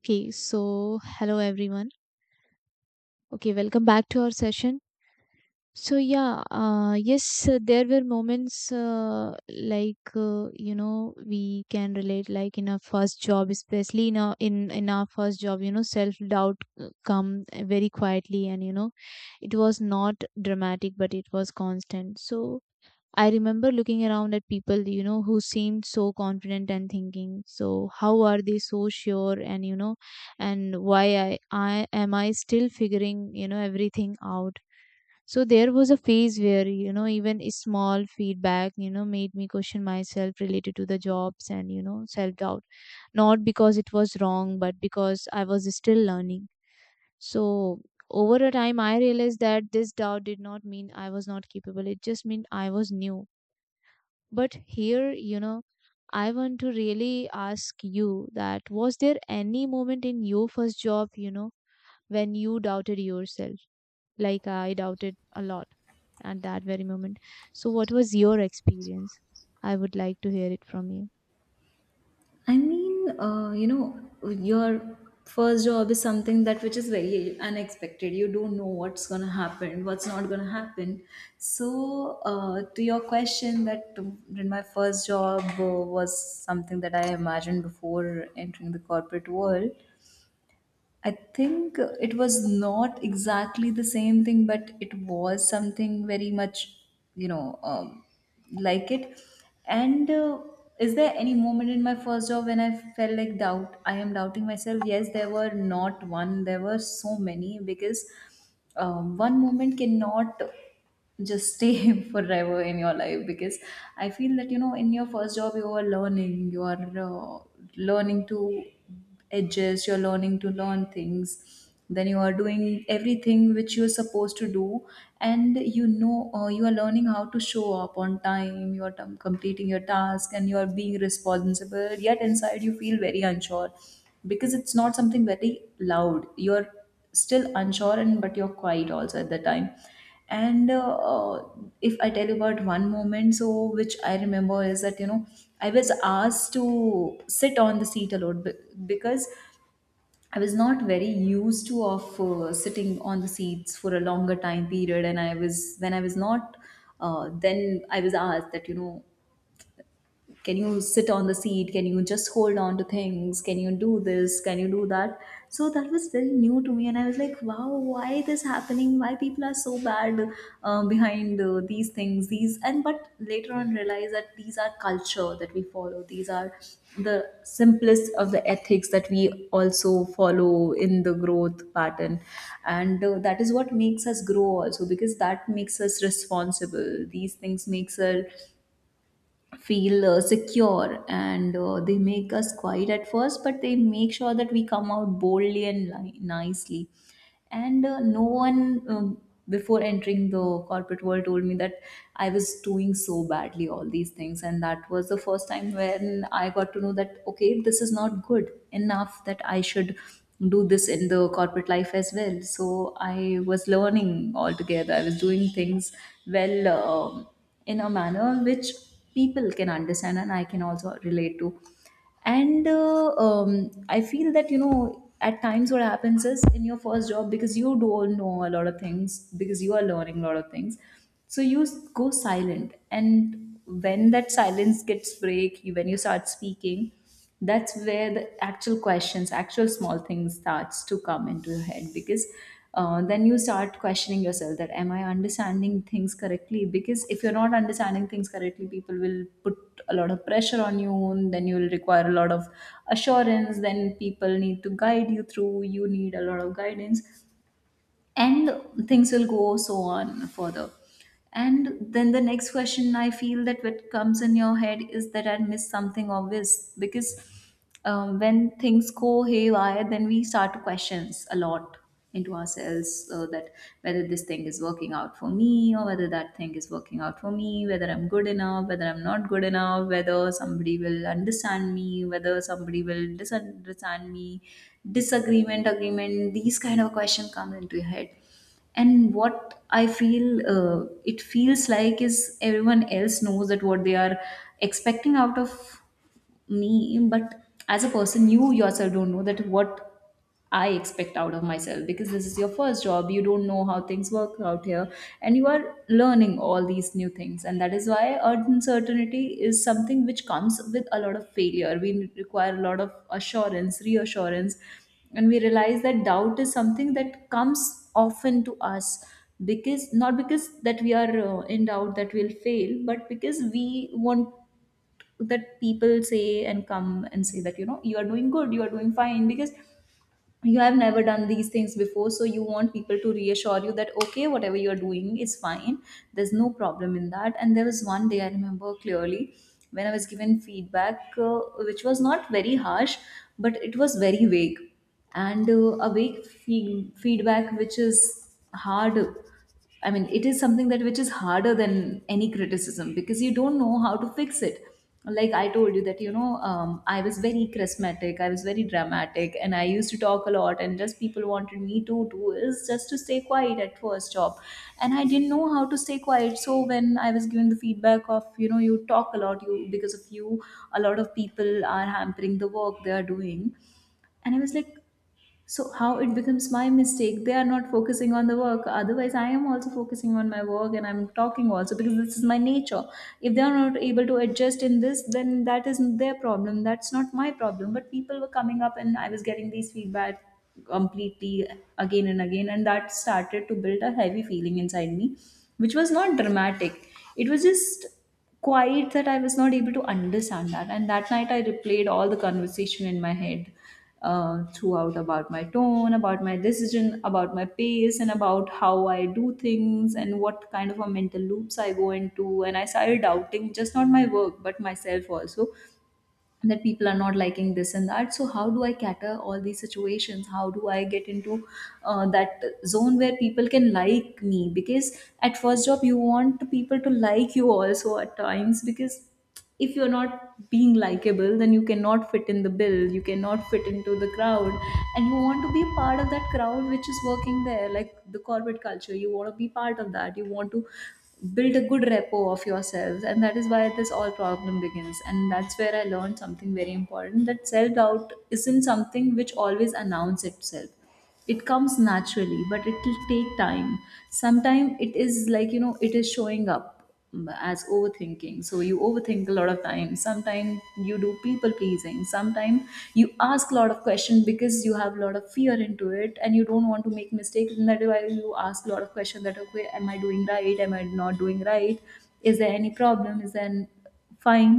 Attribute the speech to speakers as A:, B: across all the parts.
A: Okay, so hello everyone. Okay, welcome back to our session. So yeah, uh, yes, there were moments like you know we can relate like in our first job, especially in our first job, you know, self doubt come very quietly, and you know it was not dramatic, but it was constant. So I remember looking around at people, you know, who seemed so confident and thinking, so how are they so sure? And you know, and why I am I still figuring, you know, everything out. So there was a phase where, you know, even a small feedback, you know, made me question myself related to the jobs and, you know, self doubt. Not because it was wrong, but because I was still learning. So over a time, I realized that this doubt did not mean I was not capable. It just meant I was new, but here, you know, I want to really ask you, that was there any moment in your first job, you know, when you doubted yourself? Like I doubted a lot at that very moment. So, what was your experience? I would like to hear it from you.
B: I mean, uh, you know, your first job is something that which is very unexpected. You don't know what's going to happen, what's not going to happen. So, to your question, that in my first job was something that I imagined before entering the corporate world. I think it was not exactly the same thing, but it was something very much, you know, um, like it. And is there any moment in my first job when I felt like doubt? I am doubting myself. Yes, there were not one, there were so many because one moment cannot just stay forever in your life because I feel that you know in your first job you are learning, you are learning to edges, you're learning to learn things, then you are doing everything which you're supposed to do. And you know, you are learning how to show up on time, you are completing your task and you are being responsible, yet inside you feel very unsure because it's not something very loud. You're still unsure, and but you're quiet also at the time. And if I tell you about one moment, so which I remember is that you know I was asked to sit on the seat a lot because I was not very used to of sitting on the seats for a longer time period, and I was, when I was not, then I was asked that you know can you sit on the seat, can you just hold on to things, can you do this, can you do that? So that was very new to me, and I was like, wow, why this happening, why people are so bad behind these things, these, and but later on realize that these are culture that we follow, these are the simplest of the ethics that we also follow in the growth pattern. And that is what makes us grow also because that makes us responsible, these things makes us feel secure, and they make us quiet at first, but they make sure that we come out boldly and nicely. And no one, before entering the corporate world, told me that I was doing so badly all these things, and that was the first time when I got to know that okay, this is not good enough, that I should do this in the corporate life as well. So I was learning altogether, I was doing things well, in a manner which people can understand and I can also relate to. And I feel that, you know, at times what happens is in your first job, because you don't know a lot of things, because you are learning a lot of things, so you go silent. And when that silence gets break, when you start speaking, that's where the actual questions, actual small things starts to come into your head because then you start questioning yourself that am I understanding things correctly, because if you're not understanding things correctly, people will put a lot of pressure on you, and then you will require a lot of assurance, then people need to guide you through, you need a lot of guidance. And things will go so on further. And then the next question I feel that what comes in your head is that I missed something obvious, because when things go haywire, then we start to questions a lot into ourselves, that whether this thing is working out for me or whether that thing is working out for me, whether I'm good enough, whether I'm not good enough, whether somebody will understand me, whether somebody will disunderstand me, disagreement, agreement, these kind of question come into your head. And what I feel, it feels like is everyone else knows that what they are expecting out of me, but as a person, you yourself don't know that what I expect out of myself, because this is your first job, you don't know how things work out here, and you are learning all these new things, and that is why uncertainty is something which comes with a lot of failure, we require a lot of assurance, reassurance. And we realize that doubt is something that comes often to us, because not because that we are in doubt that we'll fail, but because we want that people say and come and say that you know you are doing good, you are doing fine, because you have never done these things before, so you want people to reassure you that okay, whatever you are doing is fine, there's no problem in that. And there was one day I remember clearly when I was given feedback, which was not very harsh, but it was very vague. And a vague feedback which is hard, I mean, it is something that which is harder than any criticism because you don't know how to fix it. Like I told you that I was very charismatic, I was very dramatic, and I used to talk a lot. And just people wanted me to do is just to stay quiet at first job, and I didn't know how to stay quiet. So when I was given the feedback of you know you talk a lot, you, because of you, a lot of people are hampering the work they are doing, and I was like, so how it becomes my mistake? They are not focusing on the work. Otherwise, I am also focusing on my work and I'm talking also because this is my nature. If they are not able to adjust in this, then that is their problem. That's not my problem. But people were coming up and I was getting these feedback completely again and again, and that started to build a heavy feeling inside me, which was not dramatic. It was just quiet, that I was not able to understand that. And that night, I replayed all the conversation in my head, throughout, about my tone, about my decision, about my pace, and about how I do things and what kind of a mental loops I go into. And I started doubting just not my work, but myself also, and that people are not liking this and that, so how do I cater all these situations, how do I get into that zone where people can like me, because at first job you want people to like you also at times, because if you're not being likable, then you cannot fit in the bill, you cannot fit into the crowd. And you want to be a part of that crowd which is working there, like the corporate culture, you want to be part of that, you want to build a good repo of yourselves, and that is why this all problem begins. And that's where I learned something very important, that self doubt isn't something which always announces itself, it comes naturally, but it will take time. Sometimes it is like you know it is showing up as overthinking, so you overthink a lot of time, sometimes you do people pleasing, sometimes you ask a lot of questions because you have a lot of fear into it and you don't want to make mistakes, and that is why you ask a lot of questions that okay, am I doing right, am I not doing right, is there any problem, is there fine.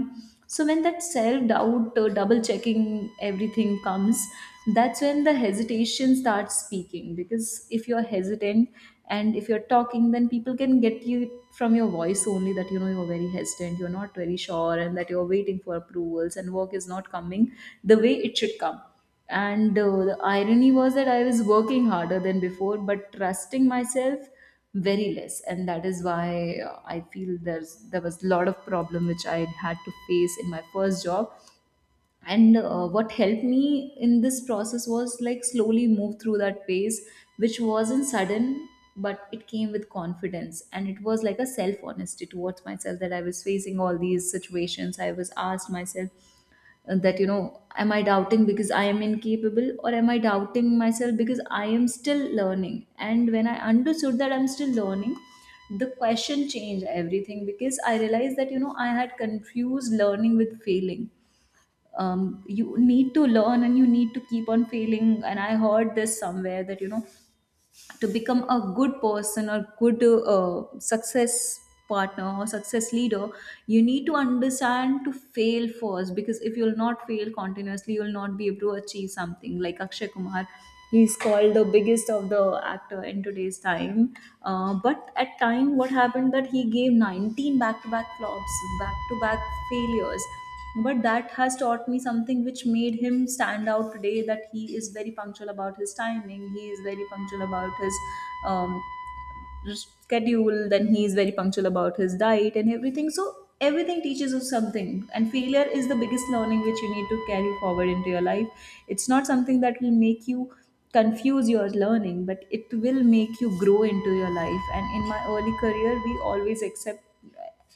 B: So when that self doubt, double checking everything comes, that's when the hesitation starts speaking, because if you're hesitant and if you're talking, then people can get you from your voice only, that you know you're very hesitant, you're not very sure, and that you're waiting for approvals, and work is not coming the way it should come. And the irony was that I was working harder than before, but trusting myself very less. And that is why I feel there's there was a lot of problem which I had to face in my first job. And what helped me in this process was like slowly move through that phase, which wasn't sudden, but it came with confidence. And it was like a self honesty towards myself that I was facing all these situations. I was asked myself, that you know am I doubting because I am incapable, or am I doubting myself because I am still learning? And when I understood that I'm still learning, the question changed everything, because I realized that you know I had confused learning with failing. You need to learn and you need to keep on failing. And I heard this somewhere, that you know to become a good person or good success partner or success leader, you need to understand to fail first, because if you'll not fail continuously, you'll not be able to achieve something. Like Akshay Kumar, he's called the biggest of the actor in today's time. But at time what happened, that he gave 19 back-to-back flops, back-to-back failures. But that has taught me something which made him stand out today, that he is very punctual about his timing, he is very punctual about his um, schedule, then he is very punctual about his diet and everything. So everything teaches us something, and failure is the biggest learning which you need to carry forward into your life. It's not something that will make you confuse your learning, but it will make you grow into your life. And in my early career, we always accept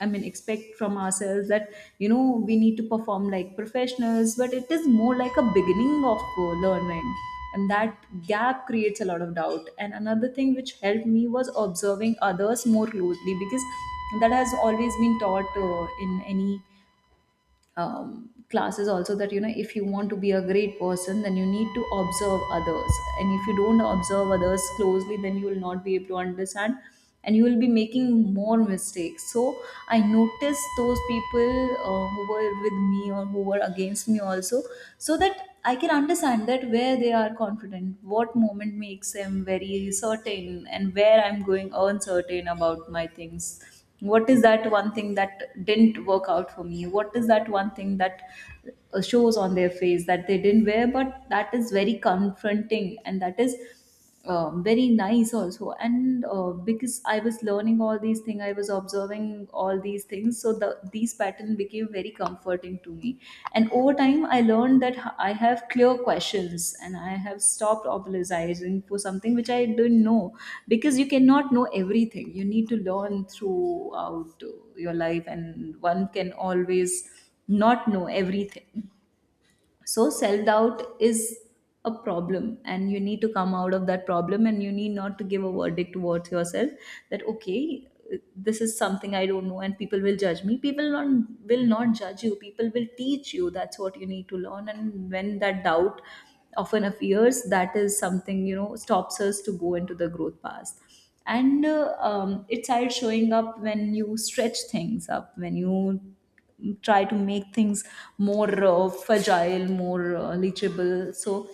B: I mean, expect from ourselves that, you know, we need to perform like professionals, but it is more like a beginning of learning. And that gap creates a lot of doubt. And another thing which helped me was observing others more closely, because that has always been taught in any classes also, that you know if you want to be a great person, then you need to observe others, and if you don't observe others closely, then you will not be able to understand, and you will be making more mistakes. So I noticed those people who were with me or who were against me also, so that I can understand that where they are confident, what moment makes them very certain, and where I'm going uncertain about my things. What is that one thing that didn't work out for me? What is that one thing that shows on their face that they didn't wear, but that is very confronting, and that is very nice also. And because I was learning all these things, I was observing all these things. So the these patterns pattern became very comforting to me. And over time, I learned that I have clear questions, and I have stopped apologizing for something which I didn't know, because you cannot know everything. You need to learn throughout your life, and one can always not know everything. So self doubt is a problem, and you need to come out of that problem, and you need not to give a verdict towards yourself that okay, this is something I don't know and people will judge me. People not, will not judge you, people will teach you. That's what you need to learn. And when that doubt often appears, that is something, you know, stops us to go into the growth path. And it started showing up when you stretch things up, when you try to make things more fragile, more leachable. So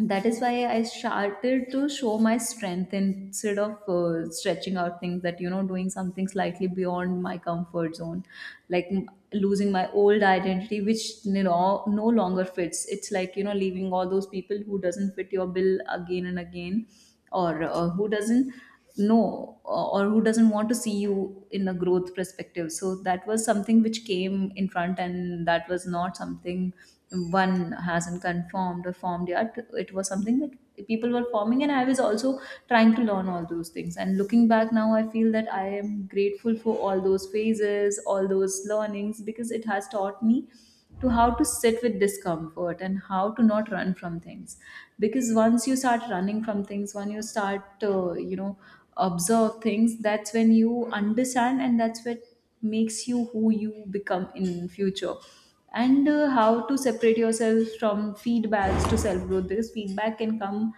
B: that is why I started to show my strength, instead of stretching out things, that, you know, doing something slightly beyond my comfort zone, like losing my old identity, which you know, no longer fits. It's like, you know, leaving all those people who doesn't fit your bill again and again, or who doesn't know, or who doesn't want to see you in a growth perspective. So that was something which came in front, and that was not something one hasn't confirmed or formed yet. It was something that people were forming, and I was also trying to learn all those things. And looking back now, I feel that I am grateful for all those phases, all those learnings, because it has taught me to how to sit with discomfort, and how to not run from things. Because once you start running from things, when you start you know observe things, that's when you understand, and that's what makes you who you become in future. And how to separate yourself from feedbacks to self growth, because feedback can come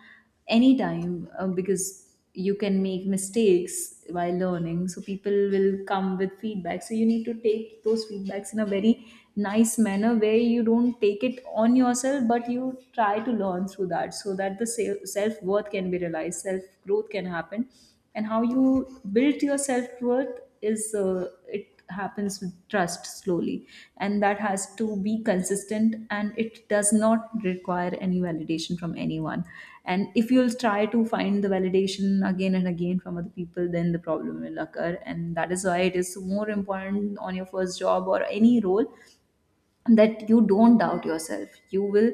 B: anytime, because you can make mistakes while learning, so people will come with feedback. So you need to take those feedbacks in a very nice manner, where you don't take it on yourself, but you try to learn through that, so that the self worth can be realized, self growth can happen. And how you build your self worth is, it happens with trust slowly, and that has to be consistent, and it does not require any validation from anyone. And if you'll try to find the validation again and again from other people, then the problem will occur. And that is why it is more important on your first job or any role, that you don't doubt yourself. You will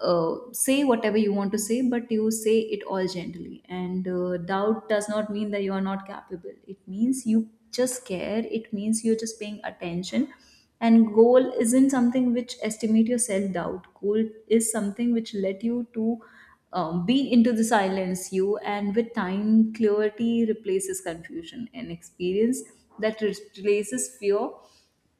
B: say whatever you want to say, but you say it all gently. And doubt does not mean that you are not capable, it means you just care, it means you're just paying attention. And goal isn't something which estimate your self doubt, goal is something which let you to be into the silence you, and with time clarity replaces confusion, and experience that replaces fear.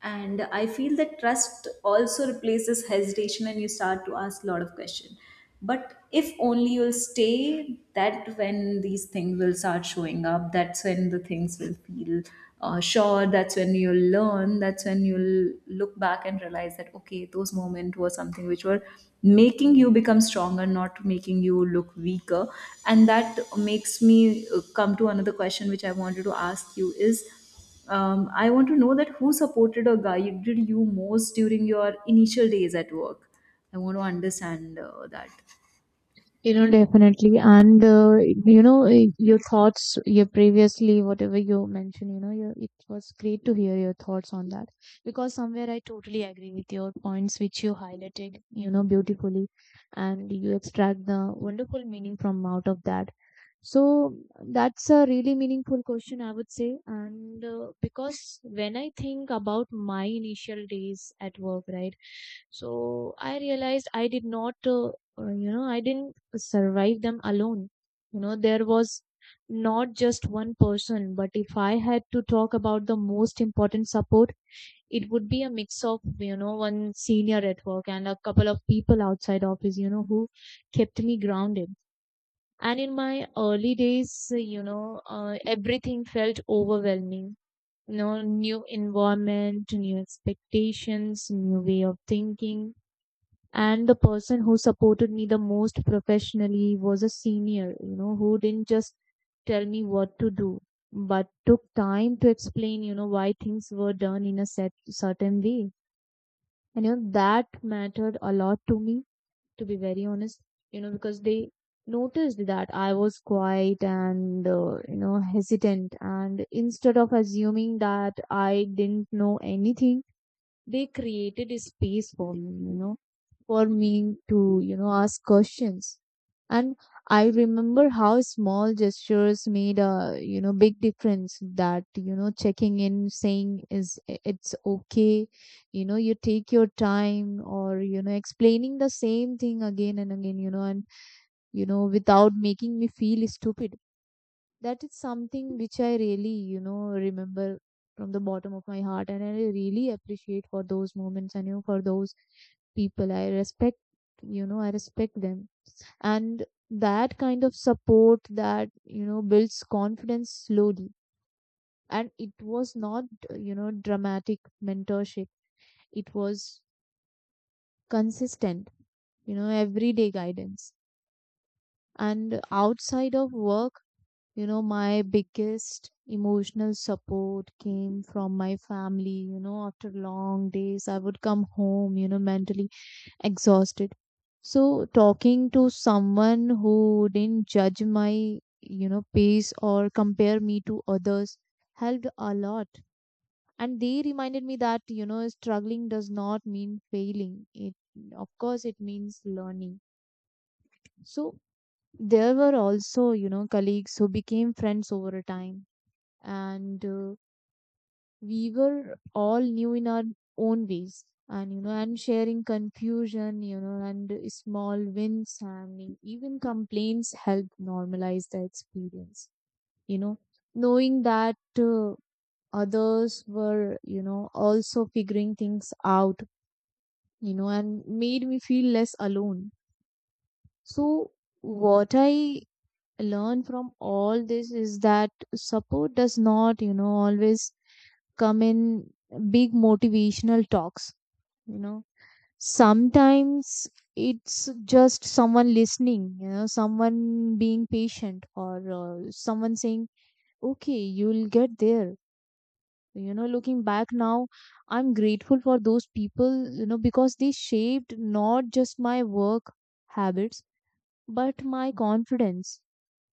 B: And I feel that trust also replaces hesitation, and you start to ask a lot of questions. But if only you'll stay, that when these things will start showing up, that's when the things will feel sure, that's when you'll learn, that's when you'll look back and realize that okay, those moments were something which were making you become stronger, not making you look weaker. And that makes me come to another question, which I wanted to ask you is, I want to know that who supported or guided you most during your initial days at work. I want to understand that.
A: You know, definitely. And you know, your thoughts, your previously, whatever you mentioned, you know, your, it was great to hear your thoughts on that. Because somewhere I totally agree with your points, which you highlighted, you know, beautifully. And you extract the wonderful meaning from out of that. So that's a really meaningful question, I would say. And because when I think about my initial days at work, right? So I realized I did not, you know, I didn't survive them alone. You know, there was not just one person, but if I had to talk about the most important support, it would be a mix of, you know, one senior at work and a couple of people outside office, you know, who kept me grounded. And in my early days, you know, everything felt overwhelming. You know, new environment, new expectations, new way of thinking. And the person who supported me the most professionally was a senior, you know, who didn't just tell me what to do, but took time to explain, you know, why things were done in a set, certain way. And you know that mattered a lot to me, to be very honest. You know, because they noticed that I was quiet and you know, hesitant, and instead of assuming that I didn't know anything, they created a space for me, you know, for me to, you know, ask questions. And I remember how small gestures made a, you know, big difference. That, you know, checking in, saying is it's okay, you know, you take your time, or, you know, explaining the same thing again and again, you know, and, you know, without making me feel stupid. That is something which I really, you know, remember from the bottom of my heart, and I really appreciate for those moments, and you know, for those people. I respect, you know, I respect them, and that kind of support that you know builds confidence slowly. And it was not, you know, dramatic mentorship. It was consistent, you know, everyday guidance. And outside of work, you know, my biggest emotional support came from my family. You know, after long days, I would come home, you know, mentally exhausted. So, talking to someone who didn't judge my, you know, pace or compare me to others helped a lot. And they reminded me that, you know, struggling does not mean failing. It, of course, it means learning. So, there were also, you know, colleagues who became friends over time, and we were all new in our own ways, and you know, and sharing confusion, you know, and small wins and even complaints help normalize the experience. You know, knowing that others were, you know, also figuring things out, you know, and made me feel less alone. So what I learned from all this is that support does not, you know, always come in big motivational talks. You know, sometimes it's just someone listening, you know, someone being patient, or someone saying okay, you'll get there. You know, looking back now, I'm grateful for those people, you know, because they shaped not just my work habits but my confidence.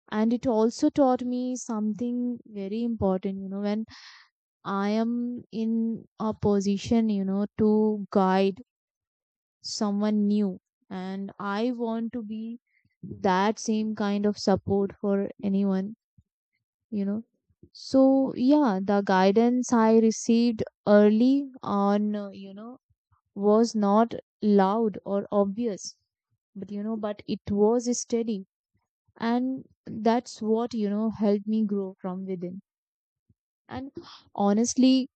A: And it also taught me something very important, you know, when I am in a position, you know, to guide someone new. And I want to be that same kind of support for anyone, you know. So, yeah, the guidance I received early on, you know, was not loud or obvious, but, you know, but it was steady. And that's what, you know, helped me grow from within. And honestly,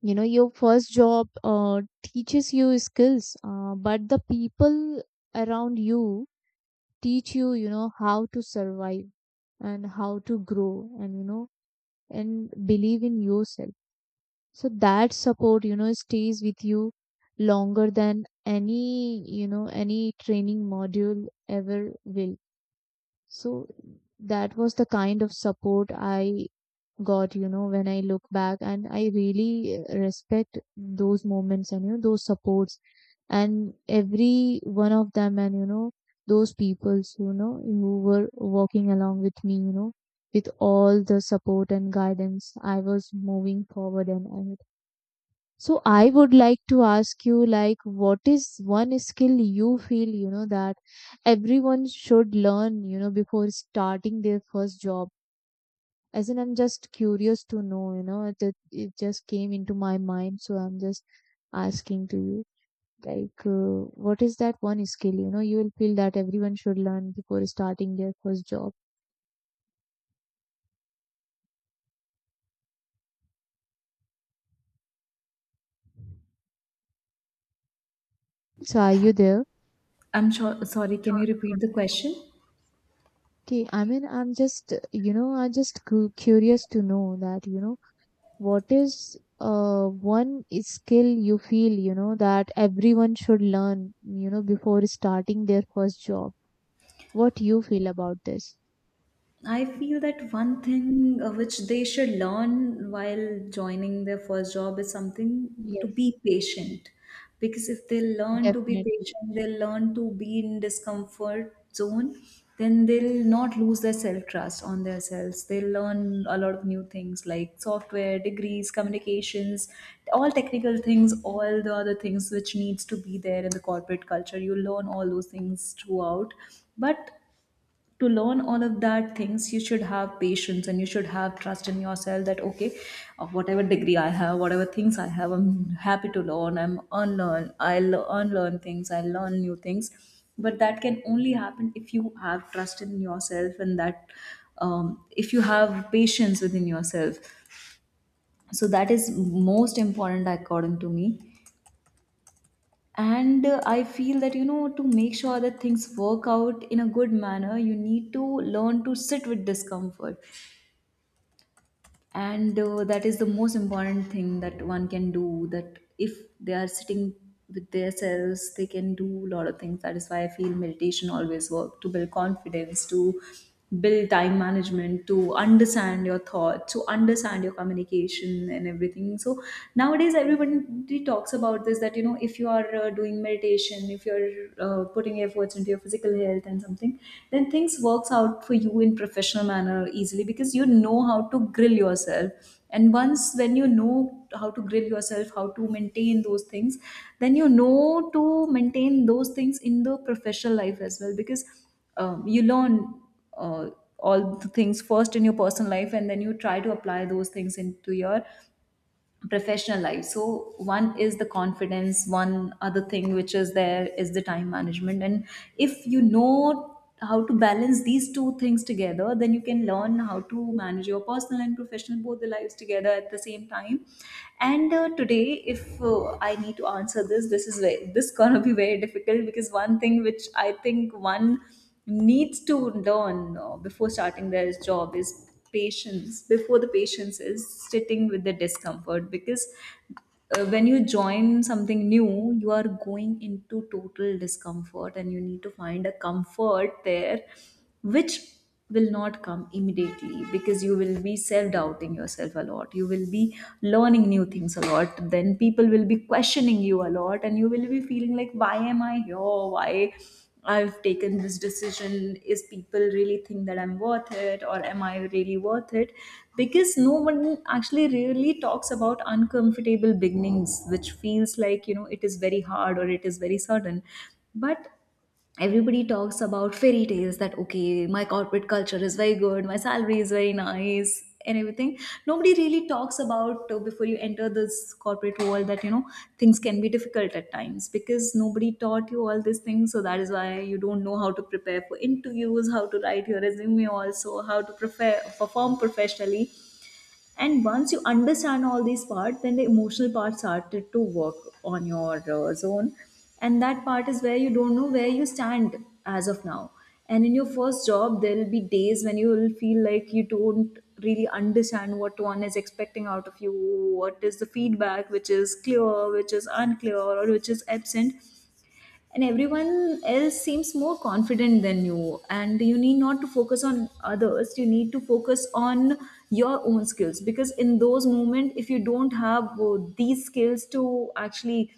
A: you know, your first job teaches you skills, but the people around you teach you, you know, how to survive, and how to grow, and you know, and believe in yourself. So that support, you know, stays with you longer than any, you know, any training module ever will. So that was the kind of support I God, you know, when I look back, and I really respect those moments, and, you know, those supports and every one of them, and, you know, those peoples, you know, who were walking along with me, you know, with all the support and guidance, I was moving forward and ahead. So I would like to ask you, like, what is one skill you feel, you know, that everyone should learn, you know, before starting their first job? As in, I'm just curious to know, you know, just came into my mind, so I'm just asking to you, like what is that one skill, you know, you will feel that everyone should learn before starting their first job? So are you there?
B: I'm sure. Sorry, can you repeat the question?
A: Okay, I mean, I'm just, you know, I'm just curious to know that, you know, what is one skill you feel, you know, that everyone should learn, you know, before starting their first job? What you feel about this?
B: I feel that one thing which they should learn while joining their first job is something to
A: Yes.
B: be patient. Because if they learn to be
A: Definitely.
B: patient, they'll learn to be in discomfort zone, then they'll not lose their self trust on themselves. They'll learn a lot of new things like software, degrees, communications, all technical things, all the other things which needs to be there in the corporate culture. You learn all those things throughout, but to learn all of that things you should have patience, and you should have trust in yourself, that okay, of whatever degree I have, whatever things I have, I'm happy to learn, I'll unlearn things, I'll learn new things. But that can only happen if you have trust in yourself, and that, if you have patience within yourself. So that is most important according to me. And I feel that you know to make sure that things work out in a good manner, you need to learn to sit with discomfort. And that is the most important thing that one can do, that if they are sitting with themselves, they can do a lot of things. That is why I feel meditation always work, to build confidence, to build time management, to understand your thought, to understand your communication and everything. So nowadays everybody talks about this, that you know if you are doing meditation, if you're putting efforts into your physical health and something, then things works out for you in professional manner easily, because you know how to grill yourself. And once when you know how to grill yourself, how to maintain those things, then you know to maintain those things in the professional life as well. Because you learn uh, all the things first in your personal life, and then you try to apply those things into your professional life. So one is the confidence, one other thing which is there is the time management. And if you know how to balance these two things together, then you can learn how to manage your personal and professional, both the lives together at the same time. And today if I need to answer this, this gonna be very difficult, because one thing which I think one needs to learn before starting their job is patients. Before the patients is sitting with the discomfort. Because when you join something new, you are going into total discomfort, and you need to find a comfort there, which will not come immediately, because you will be self doubting yourself a lot, you will be learning new things a lot, then people will be questioning you a lot, and you will be feeling like, why am I here, why I've taken this decision. Is people really think that I'm worth it, or am I really worth it? Because no one actually really talks about uncomfortable beginnings, which feels like, you know, it is very hard or it is very sudden. But everybody talks about fairy tales that okay, my corporate culture is very good, my salary is very nice and everything. Nobody really talks about before you enter this corporate world that, you know, things can be difficult at times because nobody taught you all these things. So that is why you don't know how to prepare for interviews, how to write your resume, also how to prepare, perform professionally. And once you understand all these parts, then the emotional part started to work on your zone. And that part is where you don't know where you stand as of now. And in your first job, there will be days when you will feel like you don't really understand what one is expecting out of you, what is the feedback which is clear, which is unclear, or which is absent, and everyone else seems more confident than you. And you need not to focus on others, you need to focus on your own skills, because in those moments if you don't have these skills to actually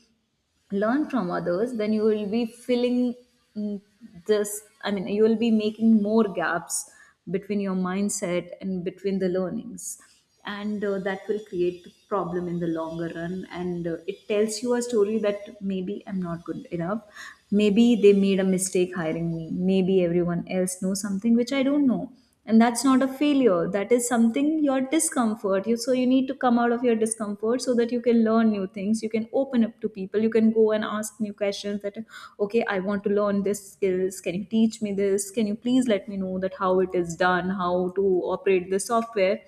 B: learn from others, then you will be filling, mm, this, I mean, you will be making more gaps between your mindset and between the learnings. And that will create problem in the longer run. And it tells you a story that maybe I'm not good enough, maybe they made a mistake hiring me, maybe everyone else knows something which I don't know. And that's not a failure, that is something, your discomfort. You, so you need to come out of your discomfort so that you can learn new things, you can open up to people, you can go and ask new questions, that okay, I want to learn this skills, can you teach me this, can you please let me know that how it is done, how to operate the software.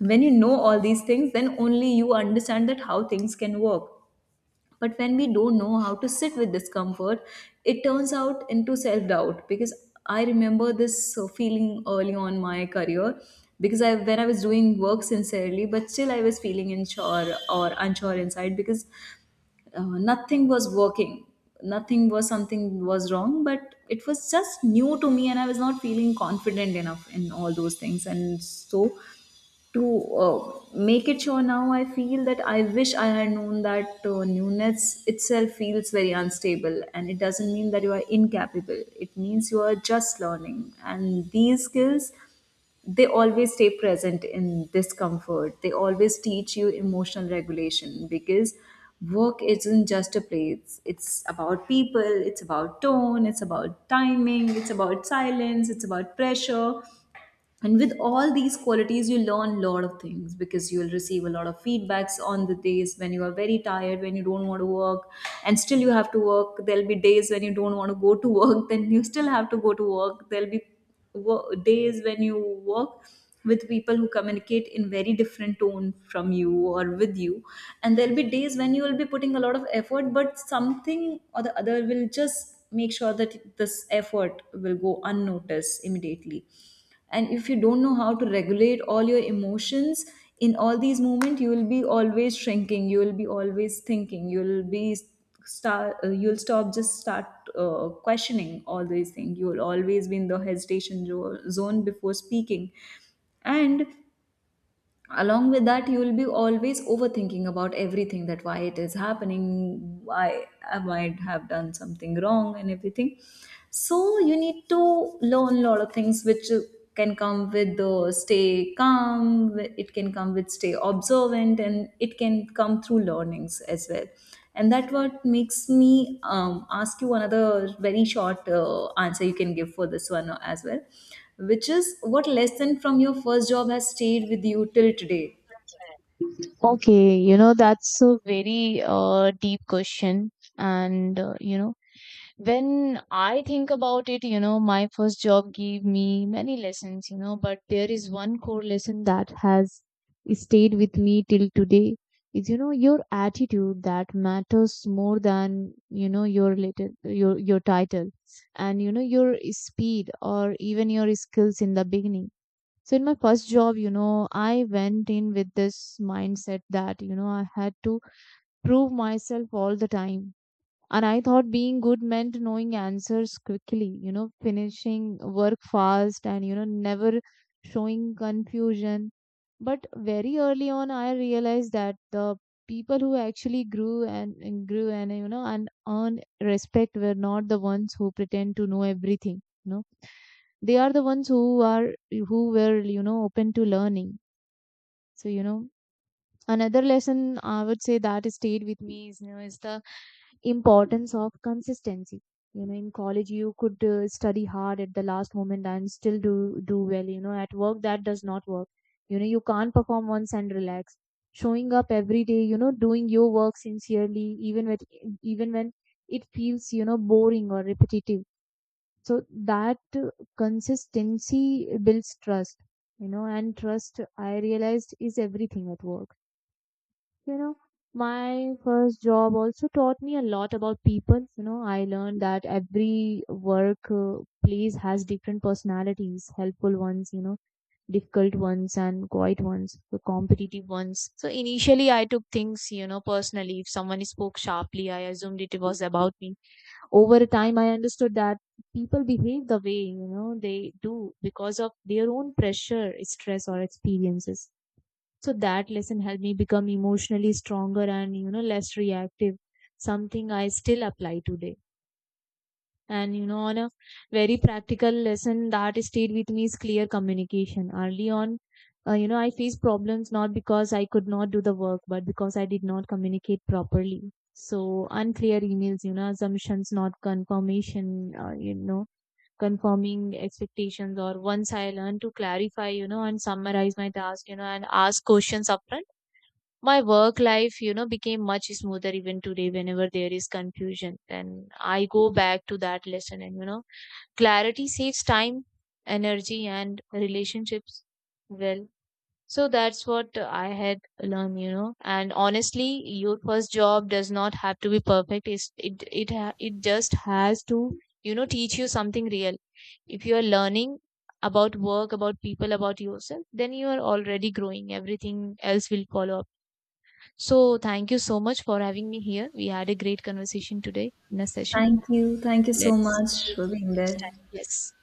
B: When you know all these things, then only you understand that how things can work. But when we don't know how to sit with discomfort, it turns out into self doubt. Because I remember this feeling early on my career, because I, when I was doing work sincerely, but still I was feeling unsure or unsure inside because uh, nothing was working. Nothing was, something was wrong, but it was just new to me and I was not feeling confident enough in all those things. And so, to make it sure, now I feel that I wish I had known that newness itself feels very unstable, and it doesn't mean that you are incapable, it means you are just learning. And these skills, they always stay present in discomfort, they always teach you emotional regulation, because work isn't just a place, it's about people, it's about tone, it's about timing, it's about silence, it's about pressure. And with all these qualities you learn a lot of things, because you will receive a lot of feedbacks on the days when you are very tired, when you don't want to work and still you have to work. There'll be days when you don't want to go to work, then you still have to go to work. There'll be days when you work with people who communicate in very different tone from you or with you. And there'll be days when you will be putting a lot of effort, but something or the other will just make sure that this effort will go unnoticed immediately. And if you don't know how to regulate all your emotions in all these moments, you will be always shrinking, you will be always thinking, you will be start you'll stop, just start questioning all these things. You will always be in the hesitation zone before speaking. And along with that, you will be always overthinking about everything, that why it is happening, why I might have done something wrong and everything. So you need to learn a lot of things which can come with the stay calm, it can come with stay observant, and it can come through learnings as well. And that what makes me ask you another very short answer you can give for this one as well, which is, what lesson from your first job has stayed with you till today?
A: Okay, you know, that's a very deep question. And you know, when I think about it, you know, my first job gave me many lessons, you know, but there is one core lesson that has stayed with me till today is, you know, your attitude that matters more than, you know, your your title, and, you know, your speed, or even your skills in the beginning. So in my first job, you know, I went in with this mindset that, you know, I had to prove myself all the time. And I thought being good meant knowing answers quickly, you know, finishing work fast, and, you know, never showing confusion. But very early on, I realized that the people who actually grew and, you know, and earned respect were not the ones who pretend to know everything, you know. They are the ones who were, you know, open to learning. So, you know, another lesson I would say that stayed with me is, you know, is the importance of consistency. You know, in college you could study hard at the last moment and still do well. You know, at work that does not work. You know, you can't perform once and relax. Showing up every day, you know, doing your work sincerely, even with even when it feels, you know, boring or repetitive. So that consistency builds trust, you know. And trust, I realized, is everything at work. You know, my first job also taught me a lot about people. You know, I learned that every work place has different personalities, helpful ones, you know, difficult ones and quiet ones, the competitive ones. So initially I took things, you know, personally. If someone spoke sharply, I assumed it was about me. Over time I understood that people behave the way, you know, they do because of their own pressure, stress or experiences. So that lesson helped me become emotionally stronger and, you know, less reactive, something I still apply today. And, you know, on a very practical lesson that stayed with me is clear communication. Early on, you know, I faced problems not because I could not do the work, but because I did not communicate properly. So unclear emails, you know, assumptions, not confirmation, you know, confirming expectations. Or once I learned to clarify, you know, and summarize my task, you know, and ask questions upfront, my work life, you know, became much smoother. Even today whenever there is confusion, and I go back to that lesson, and you know, clarity saves time, energy and relationships. Well, so that's what I had learned, you know. And honestly, your first job does not have to be perfect. It's, it ha- It just has to, you know, teach you something real. If you are learning about work, about people, about yourself, then you are already growing. Everything else will follow. So, thank you so much for having me here. We had a great conversation today in a session.
B: Thank you. Thank you so
A: Let's
B: much
A: meet
B: for being
A: next
B: there.
A: time. Yes.